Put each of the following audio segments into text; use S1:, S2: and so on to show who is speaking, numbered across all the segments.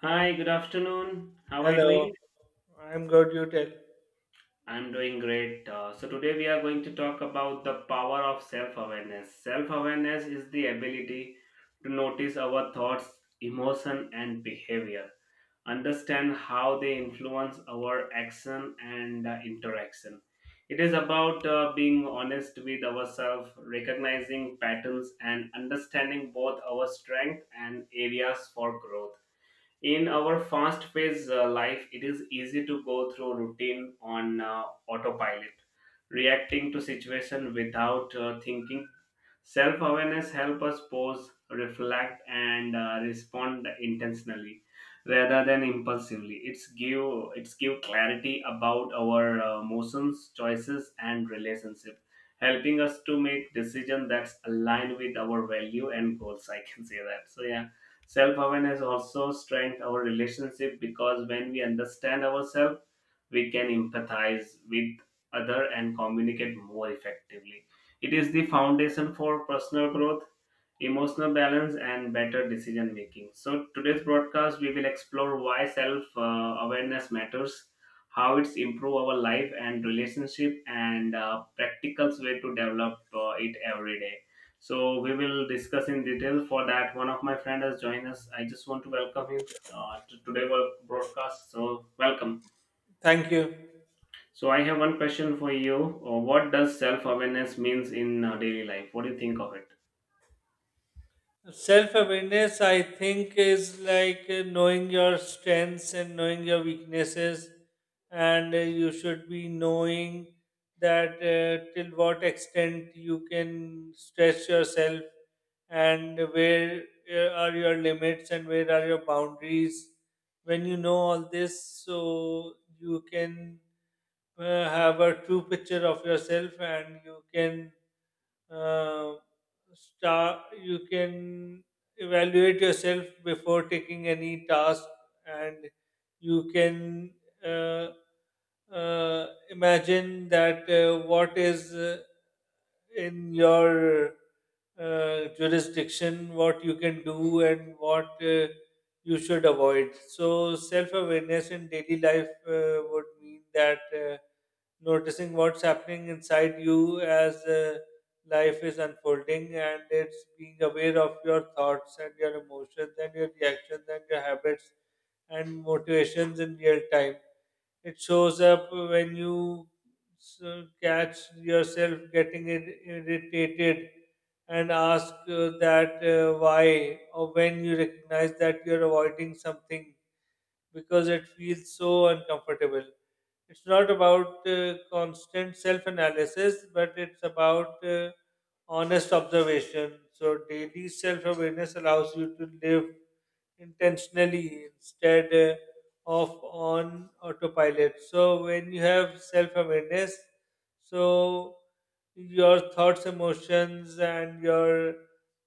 S1: Hi, good afternoon. How are you
S2: Hello,
S1: doing?
S2: I'm good. You tell.
S1: I'm doing great. So, today we are going to talk about the power of self awareness. Self awareness is the ability to notice our thoughts, emotion, and behavior, understand how they influence our action and interaction. It is about being honest with ourselves, recognizing patterns, and understanding both our strength and areas for growth. In our fast paced life, it is easy to go through routine on autopilot, reacting to situation without thinking. Self awareness helps us pause, reflect, and respond intentionally rather than impulsively. It's give clarity about our emotions, choices, and relationship, helping us to make decision that's aligned with our value and goals. I can say that. So yeah, self awareness also strengthens our relationship because when we understand ourselves, we can empathize with other and communicate more effectively. It is the foundation for personal growth, emotional balance, and better decision making. So, today's broadcast, we will explore why self awareness matters, how it's improve our life and relationship, and practical way to develop it every day. So, we will discuss in detail. For that, one of my friend has joined us. I just want to welcome him to today's broadcast. So, welcome.
S2: Thank you.
S1: So I have one question for you. What does self-awareness means in daily life? What do you think of it?
S2: Self awareness, I think, is like knowing your strengths and knowing your weaknesses, and you should be knowing that till what extent you can stretch yourself and where are your limits and where are your boundaries. When you know all this, so you can have a true picture of yourself and you can uh, star you can evaluate yourself before taking any task and you can uh, imagine that what is in your jurisdiction, what you can do and what you should avoid. So, self awareness in daily life would mean that noticing what's happening inside you as life is unfolding, and it's being aware of your thoughts and your emotions and your reactions and your habits and motivations in real time. It shows up when you catch yourself getting irritated and ask that why, or when you recognize that you're avoiding something because it feels so uncomfortable. It's not about constant self analysis, but it's about honest observation. So, daily self awareness allows you to live intentionally instead of on autopilot. So, when you have self awareness, so your thoughts, emotions, and your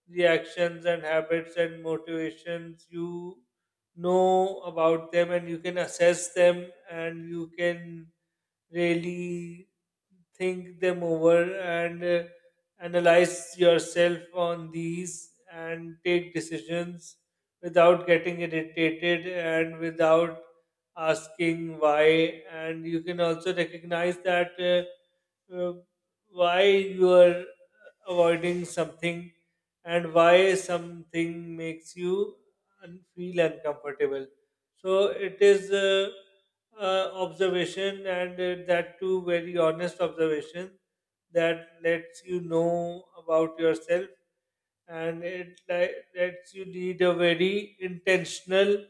S2: reactions and habits and motivations, you know about them and you can assess them and you can really think them over and analyze yourself on these and take decisions without getting irritated and without asking why, and you can also recognize that why you are avoiding something and why something makes you and feel uncomfortable. So it is observation and that too very honest observation, that lets you know about yourself and it lets you lead a very intentional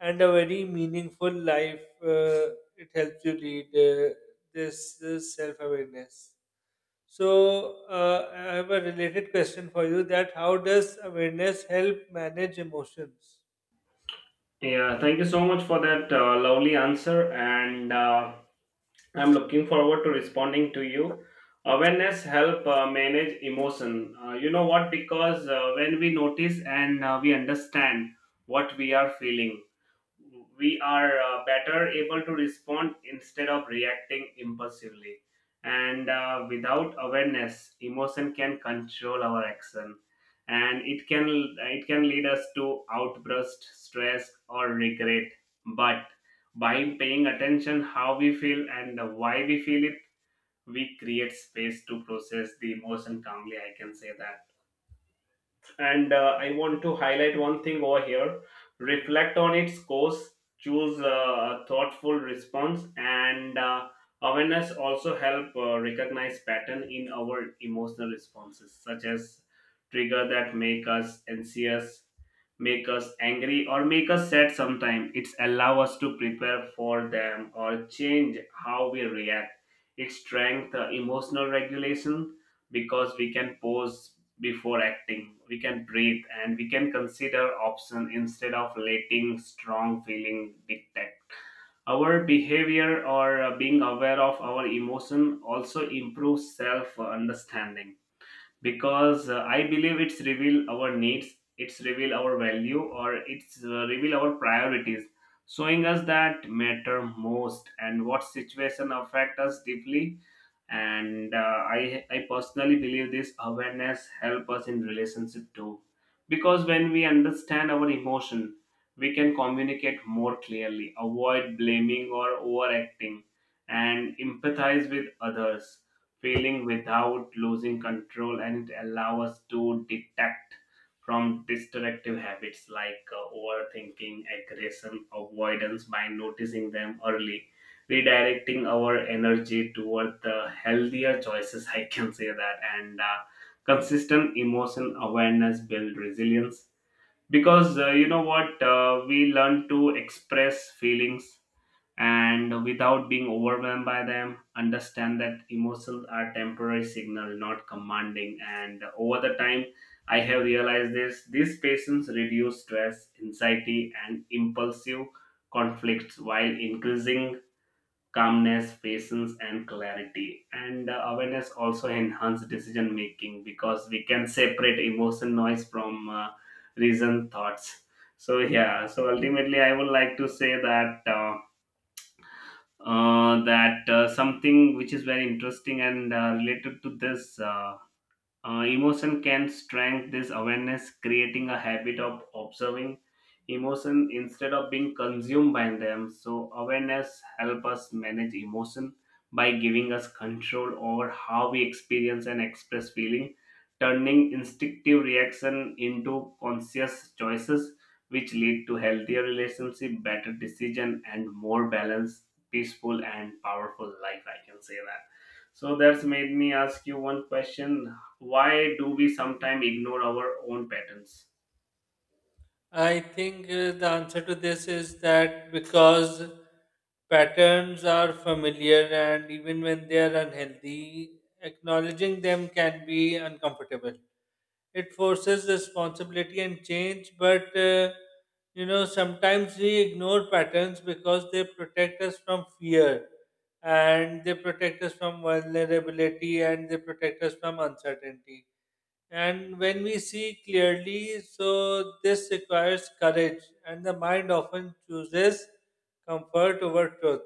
S2: and a very meaningful life. It helps you lead this self awareness. So, I have a related question for you, that how does awareness help manage emotions?
S1: Yeah, thank you so much for that lovely answer, and I'm looking forward to responding to you. Awareness help manage emotion. You know what? Because when we notice and we understand what we are feeling, we are better able to respond instead of reacting impulsively, and without awareness emotion can control our action, and it can lead us to outburst, stress, or regret. But by paying attention how we feel and why we feel it, we create space to process the emotion calmly, I can say that. And I want to highlight one thing over here. Reflect on its course, choose a thoughtful response, and awareness also help recognize pattern in our emotional responses, such as trigger that make us anxious, make us angry, or make us sad. Sometimes it's allow us to prepare for them or change how we react. It strength emotional regulation because we can pause before acting, we can breathe, and we can consider options instead of letting strong feeling dictate our behavior. Or being aware of our emotion also improves self understanding because I believe it's reveal our needs, it's reveal our value, or it's reveal our priorities, showing us that matter most and what situation affect us deeply. And I personally believe this awareness help us in relationship too, because when we understand our emotion, we can communicate more clearly, avoid blaming or overacting, and empathize with others feeling without losing control. And it allows us to detect from destructive habits like overthinking, aggression, avoidance by noticing them early, redirecting our energy toward the healthier choices. I can say that, and consistent emotion awareness build resilience because you know what, we learn to express feelings and without being overwhelmed by them, understand that emotions are temporary signal, not commanding. And over the time I have realized this, these patients reduce stress, anxiety, and impulsive conflicts while increasing calmness, patience, and clarity. And awareness also enhance decision making because we can separate emotion noise from reason thoughts. So yeah, so ultimately I would like to say that something which is very interesting and related to this. Emotion can strengthen this awareness, creating a habit of observing emotion instead of being consumed by them. So awareness help us manage emotion by giving us control over how we experience and express feeling, turning instinctive reaction into conscious choices, which lead to healthier relationship, better decision, and more balanced, peaceful, and powerful life. I can say that. So that's made me ask you one question: why do we sometimes ignore our own patterns?
S2: I think the answer to this is that because patterns are familiar, and even when they are unhealthy, acknowledging them can be uncomfortable. It forces responsibility and change, but you know, sometimes we ignore patterns because they protect us from fear, and they protect us from vulnerability, and they protect us from uncertainty. And when we see clearly, so this requires courage, and the mind often chooses comfort over truth.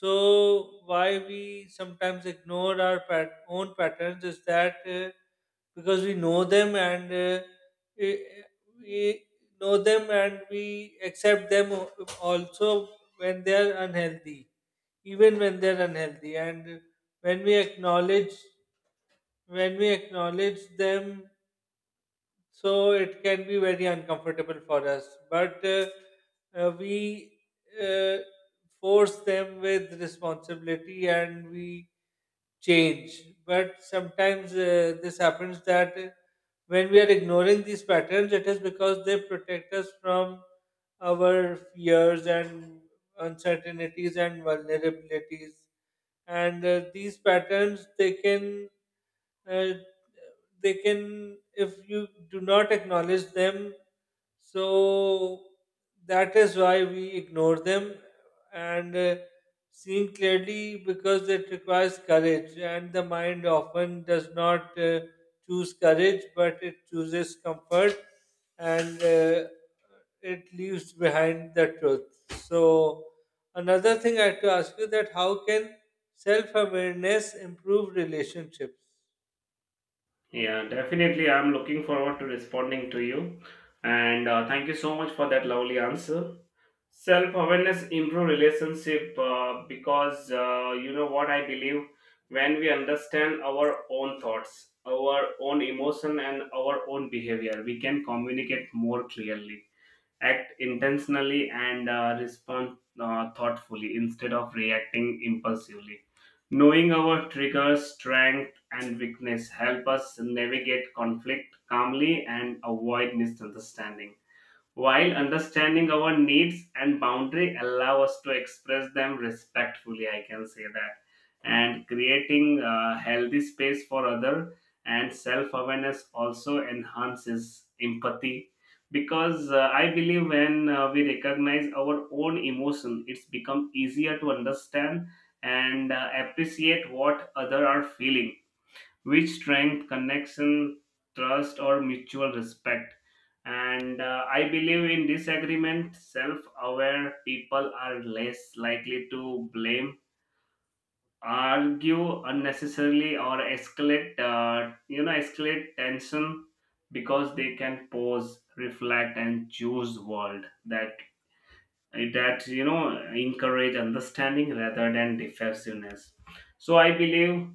S2: So, why we sometimes ignore our own patterns is that because we know them, and we we know them and we accept them also when they are unhealthy, even when they are unhealthy, and when we acknowledge when we acknowledge them, so it can be very uncomfortable for us, but we uh, force them with responsibility and we change. But sometimes this happens that when we are ignoring these patterns, it is because they protect us from our fears and uncertainties and vulnerabilities, and these patterns, they can uh, they can, if you do not acknowledge them, so that is why we ignore them. And seeing clearly, because it requires courage, and the mind often does not choose courage, but it chooses comfort, and it leaves behind the truth. So another thing I have to ask you, that how can self-awareness improve relationships?
S1: Yeah, definitely, I'm looking forward to responding to you, and thank you so much for that lovely answer. Self-awareness improve relationship because you know what, I believe when we understand our own thoughts, our own emotion, and our own behavior, we can communicate more clearly, act intentionally, and respond thoughtfully instead of reacting impulsively. Knowing our triggers, strength, and weakness help us navigate conflict calmly and avoid misunderstanding, while understanding our needs and boundary allow us to express them respectfully, I can say that, and creating a healthy space for other. And self-awareness also enhances empathy because I believe when we recognize our own emotion, it's become easier to understand and appreciate what other are feeling, which strength connection, trust, or mutual respect. And I believe in disagreement self-aware people are less likely to blame, argue unnecessarily, or escalate escalate tension, because they can pause, reflect, and choose world that, that you know, encourage understanding rather than defensiveness. So I believe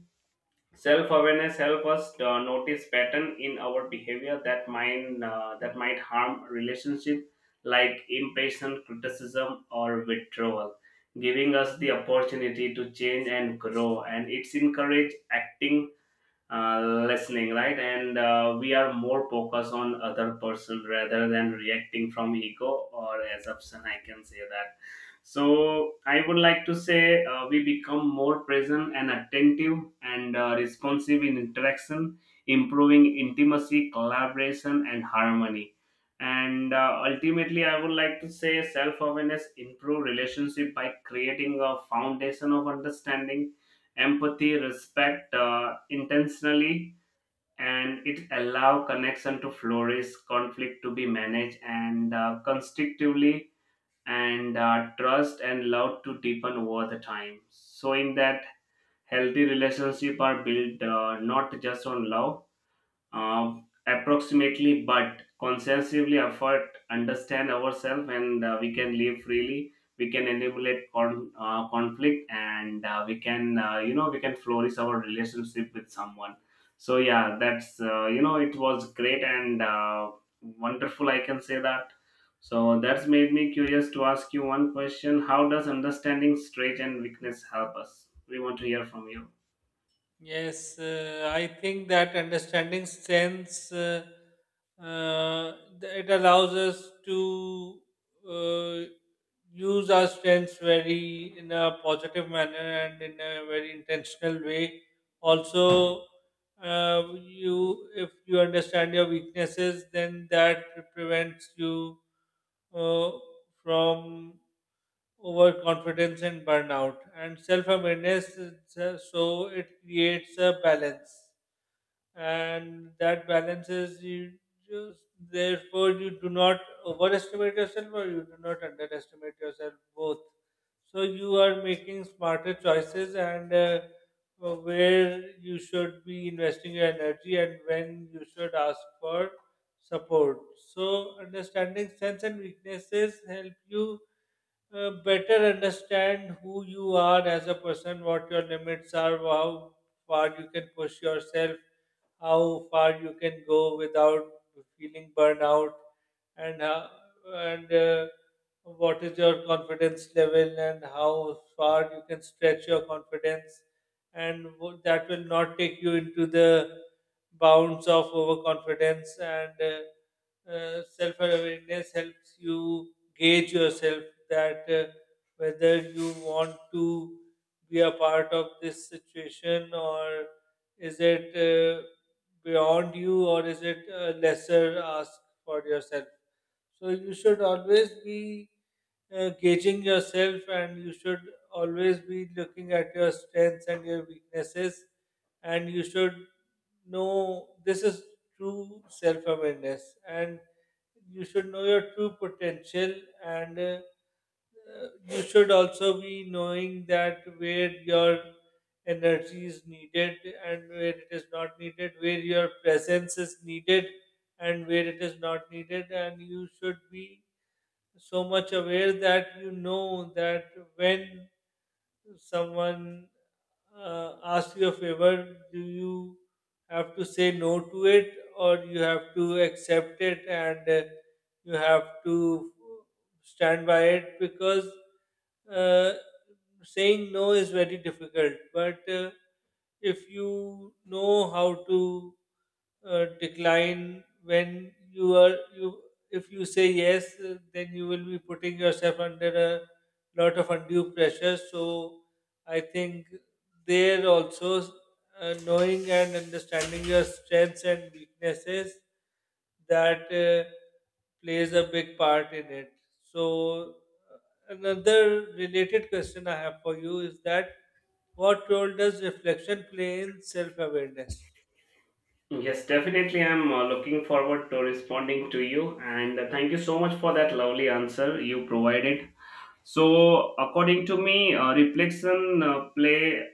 S1: self awareness helps us notice pattern in our behavior that might harm relationship, like impatient, criticism, or withdrawal, giving us the opportunity to change and grow. And it's encourage acting listening right, and we are more focused on other person rather than reacting from ego or assumption, I can say that. So I would like to say we become more present and attentive and responsive in interaction, improving intimacy, collaboration, and harmony. And ultimately I would like to say self-awareness improve relationship by creating a foundation of understanding, empathy, respect, intentionally, and it allow connection to flourish, conflict to be managed, and constructively, and trust and love to deepen over the time, showing that healthy relationship are built not just on love, uh, approximately, but conscientiously effort understand ourselves, and we can live freely, we can eliminate conflict, and we can, we can flourish our relationship with someone. So yeah, that's it was great and wonderful, I can say that. So that's made me curious to ask you one question: how does understanding strength and weakness help us? We want to hear from you.
S2: Yes, I think that understanding uh, it allows us to uh, use our strengths very in a positive manner and in a very intentional way. Also, you, if you understand your weaknesses, then that prevents you uh, from overconfidence and burnout. And self-awareness, so it creates a balance, and that balance is you, just therefore, you do not overestimate yourself or you do not underestimate yourself, both. So you are making smarter choices, and where you should be investing your energy and when you should ask for support. So understanding strengths and weaknesses help you better understand who you are as a person, what your limits are, how far you can push yourself, how far you can go without feeling burnout, and how, and what is your confidence level, and how far you can stretch your confidence, and that will not take you into the bounds of overconfidence. And self-awareness helps you gauge yourself, that whether you want to be a part of this situation, or is it beyond you, or is it a lesser ask for yourself? So you should always be gauging yourself, and you should always be looking at your strengths and your weaknesses, and you should know, this is true self awareness, and you should know your true potential. And you should also be knowing that where your energy is needed and where it is not needed, where your presence is needed and where it is not needed, and you should be so much aware that you know that when someone asks you a favor, do you have to say no to it, or you have to accept it and you have to stand by it? Because uh, saying no is very difficult, but if you know how to decline, when you are you, if you say yes, then you will be putting yourself under a lot of undue pressure. So I think there also knowing and understanding your strengths and weaknesses, that plays a big part in it. So another related question I have for you is that, what role does reflection play in self awareness?
S1: Yes, definitely. I'm looking forward to responding to you. And thank you so much for that lovely answer you provided. So, according to me, reflection play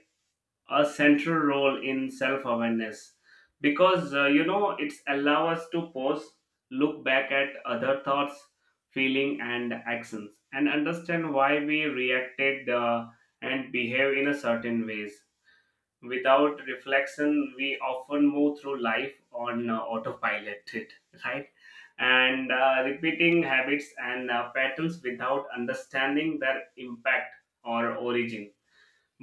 S1: a central role in self-awareness because you know, it's allow us to pause, look back at other thoughts, feeling, and actions, and understand why we reacted and behave in a certain ways. Without reflection, we often move through life on autopilot, right? And repeating habits and patterns without understanding their impact or origin.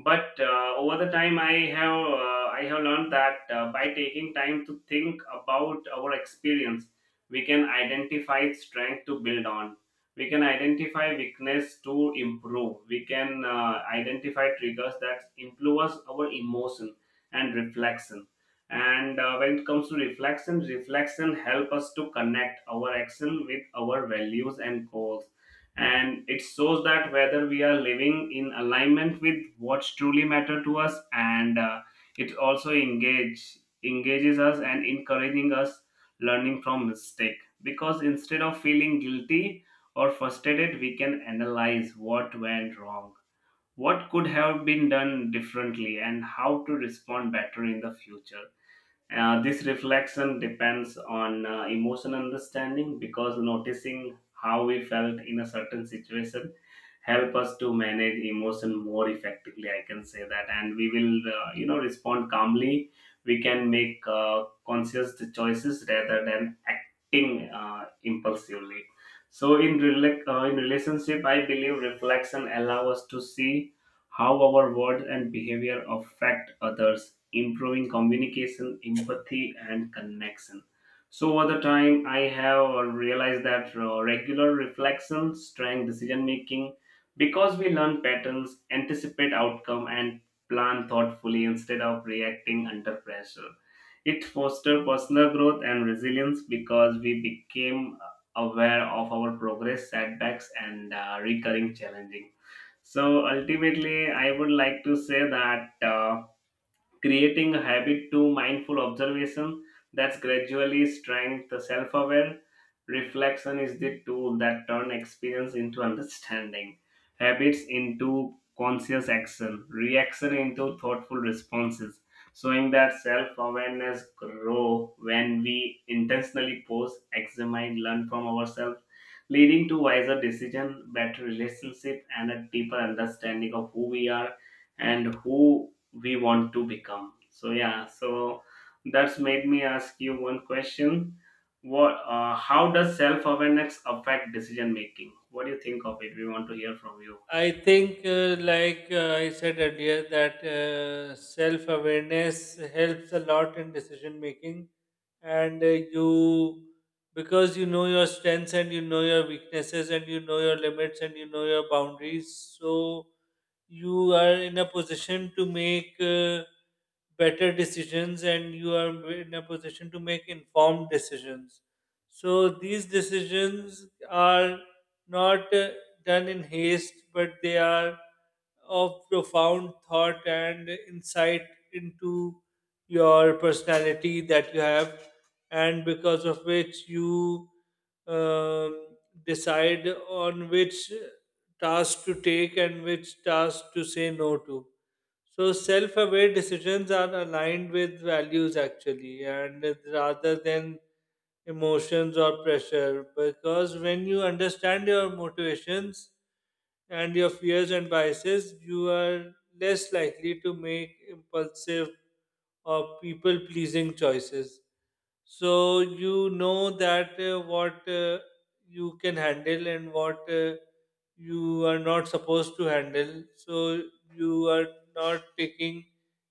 S1: But over the time I have learned that by taking time to think about our experience, we can identify strength to build on, we can identify weakness to improve, we can identify triggers that influence our emotion and reflection. And when it comes to reflection help us to connect our action with our values and goals, and it shows that whether we are living in alignment with what truly matter to us. And it also engages us and encouraging us learning from mistake, because instead of feeling guilty or frustrated, we can analyze what went wrong, what could have been done differently, and how to respond better in the future. This reflection depends on emotional understanding because noticing how we felt in a certain situation help us to manage emotion more effectively, I can say that, and we will respond calmly. We can make conscious choices rather than acting impulsively. So in in relationship, I believe reflection allow us to see how our words and behavior affect others, improving communication, empathy, and connection. So, over the time, I have realized that regular reflection strength, decision making, because we learn patterns, anticipate outcome, and plan thoughtfully instead of reacting under pressure. It fosters personal growth and resilience because we became aware of our progress, setbacks, and recurring challenging. So ultimately, I would like to say that. Creating a habit to mindful observation that's gradually strength the self-aware reflection is the tool that turn experience into understanding, habits into conscious action, reaction into thoughtful responses, showing that self-awareness grow when we intentionally pause, examine, learn from ourselves, leading to wiser decision, better relationship, and a deeper understanding of who we are and who we want to become. So yeah, so that's made me ask you one question. What uh, how does self-awareness affect decision making? What do you think of it? We want to hear from you.
S2: I think, like I said earlier, that self awareness helps a lot in decision making, and you because you know your strengths and you know your weaknesses and you know your limits and you know your boundaries, so you are in a position to make better decisions, and you are in a position to make informed decisions. So these decisions are not done in haste, but they are of profound thought and insight into your personality that you have, and because of which you um, decide on which task to take and which task to say no to. So self-aware decisions are aligned with values actually, and rather than emotions or pressure, because when you understand your motivations and your fears and biases, you are less likely to make impulsive or people pleasing choices. So you know that what you can handle and what you are not supposed to handle. So you are not taking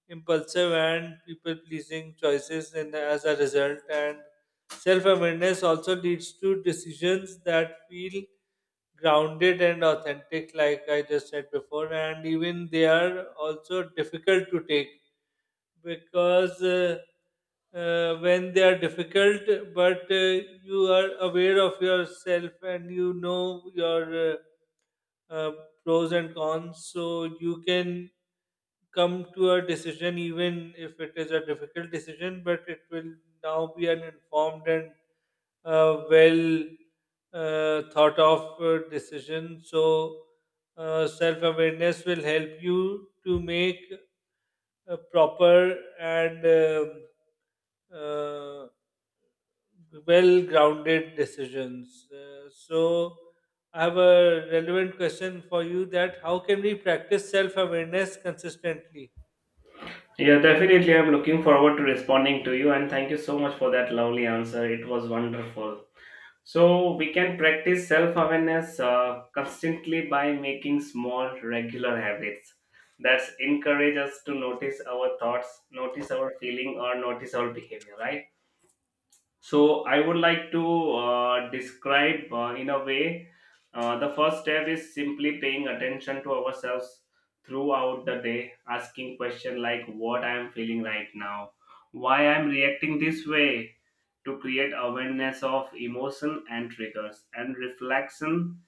S2: impulsive and people pleasing choices, and as a result, and self awareness also leads to decisions that feel grounded and authentic, like I just said before, and even they are also difficult to take, because when they are difficult, but you are aware of yourself and you know your uh, pros and cons, so you can come to a decision even if it is a difficult decision, but it will now be an informed and well thought of decision. So, self awareness will help you to make a proper and uh, well grounded decisions. So, I have a relevant question for you, that how can we practice self awareness consistently?
S1: Yeah, definitely, I'm looking forward to responding to you, and thank you so much for that lovely answer. It was wonderful. So we can practice self-awareness constantly by making small regular habits that encourage us to notice our thoughts, notice our feeling, or notice our behavior, right? So I would like to describe in a way, the first step is simply paying attention to ourselves throughout the day, asking questions like what I am feeling right now, why I am reacting this way, to create awareness of emotion and triggers. And reflection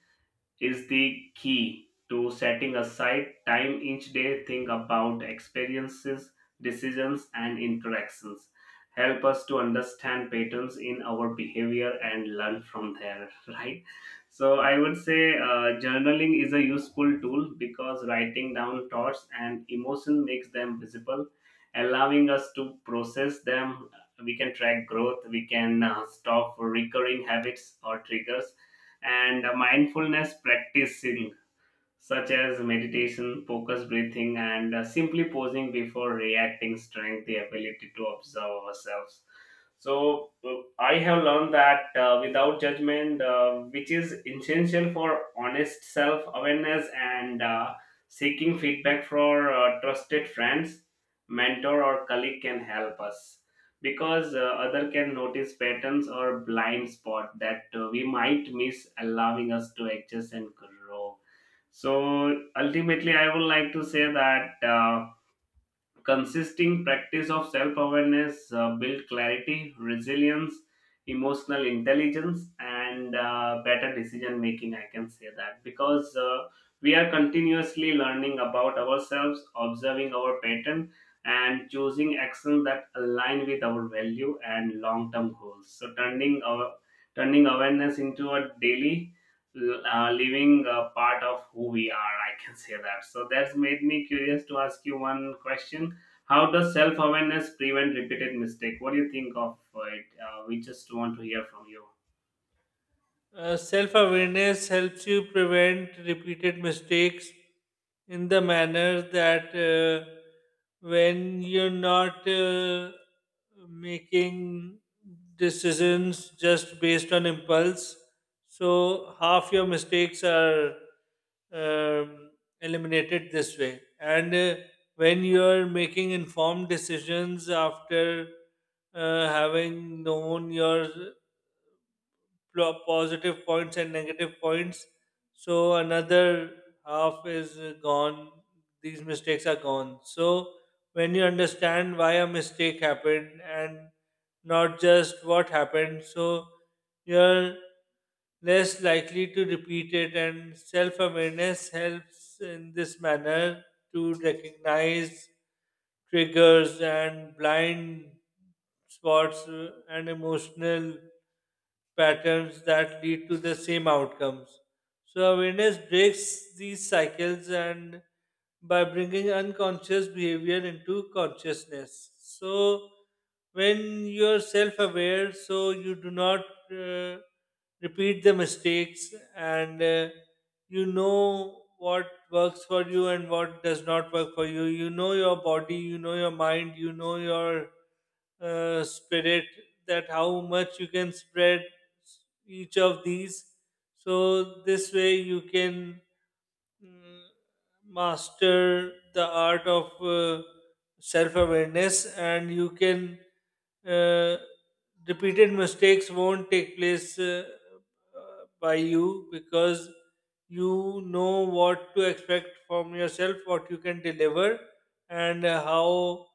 S1: is the key to setting aside time each day, think about experiences, decisions, and interactions, help us to understand patterns in our behavior and learn from there. Right, so I would say journaling is a useful tool because writing down thoughts and emotion makes them visible, allowing us to process them. We can track growth, we can stop recurring habits or triggers, and mindfulness practicing such as meditation, focus breathing, and simply pausing before reacting strength the ability to observe ourselves. So, I have learned that without judgment, which is essential for honest self awareness, and seeking feedback for trusted friends, mentor, or colleague can help us because other can notice patterns or blind spot that we might miss, allowing us to adjust and grow. So ultimately, I would like to say that. Consisting practice of self awareness build clarity, resilience, emotional intelligence, and better decision making. I can say that because we are continuously learning about ourselves, observing our pattern, and choosing actions that align with our value and long term goals. So turning awareness into a daily living part of who we are. I can say that. So that's made me curious to ask you one question. How does self awareness prevent repeated mistake? What do you think of it? We just want to hear from you.
S2: Self awareness helps you prevent repeated mistakes in the manner that when you're not making decisions just based on impulse, so half your mistakes are um, eliminated this way. And when you're making informed decisions after having known your positive points and negative points. So another half is gone. These mistakes are gone. So when you understand why a mistake happened, and not just what happened, so you're less likely to repeat it. And self awareness helps in this manner to recognize triggers and blind spots and emotional patterns that lead to the same outcomes. So, awareness breaks these cycles, and by bringing unconscious behavior into consciousness. So, when you're self aware, so you do not uh, repeat the mistakes. And you know what works for you and what does not work for you, you know your body, you know your mind, you know your spirit, that how much you can spread each of these. So this way you can mm, master the art of self awareness, and you can uh, repeated mistakes won't take place by you, because you know what to expect from yourself, what you can deliver, and how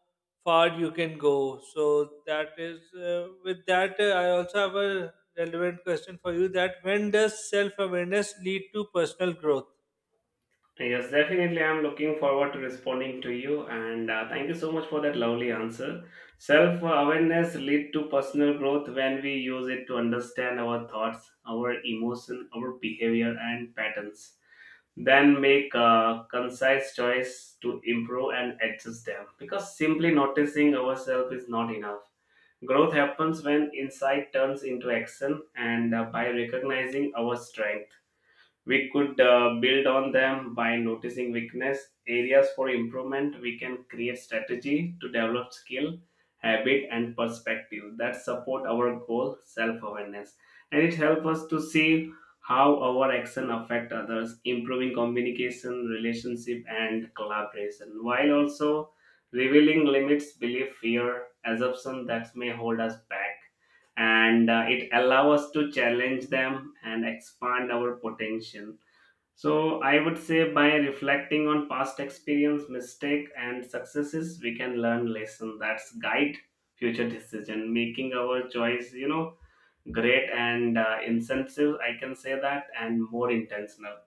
S2: far you can go. So that is, with that I also have a relevant question for you, that when does self awareness lead to personal growth?
S1: Yes, definitely. I'm looking forward to responding to you, and thank you so much for that lovely answer. Self awareness lead to personal growth when we use it to understand our thoughts, our emotion, our behavior, and patterns. Then make a concise choice to improve and adjust them. Because simply noticing ourselves is not enough. Growth happens when insight turns into action, and by recognizing our strength, we could build on them. By noticing weakness, areas for improvement, we can create strategy to develop skill, habit, and perspective that support our goal. Self-awareness, and it helps us to see how our action affect others, improving communication, relationship, and collaboration, while also revealing limits, belief, fear, assumption that may hold us back, and it allows us to challenge them and expand our potential. So I would say by reflecting on past experience, mistake, and successes, we can learn lesson that's guide future decision, making our choice, you know, great, and insensitive. I can say that, and more intentional.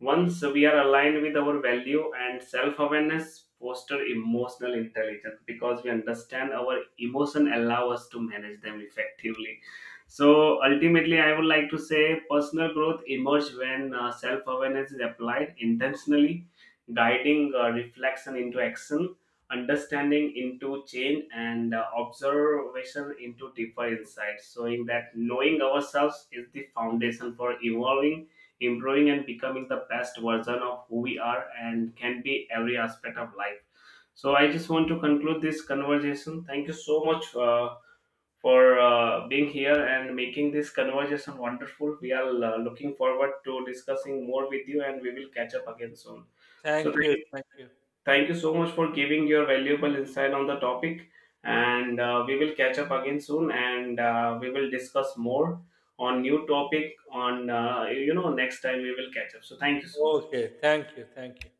S1: Once we are aligned with our value and self awareness, foster emotional intelligence because we understand our emotion, allow us to manage them effectively. So ultimately, I would like to say personal growth emerges when self awareness is applied intentionally, guiding reflection into action, understanding into change, and observation into deeper insight, showing that knowing ourselves is the foundation for evolving, improving, and becoming the best version of who we are and can be every aspect of life. So I just want to conclude this conversation. Thank you so much for being here and making this conversation wonderful. We are looking forward to discussing more with you, and we will catch up again soon. So
S2: Thank you.
S1: thank
S2: Thank you.
S1: Thank you so much for giving your valuable insight on the topic. And we will catch up again soon, and we will discuss more on new topic on, you know, next time we will catch up. So thank you so much.
S2: Okay. Thank you. Thank you.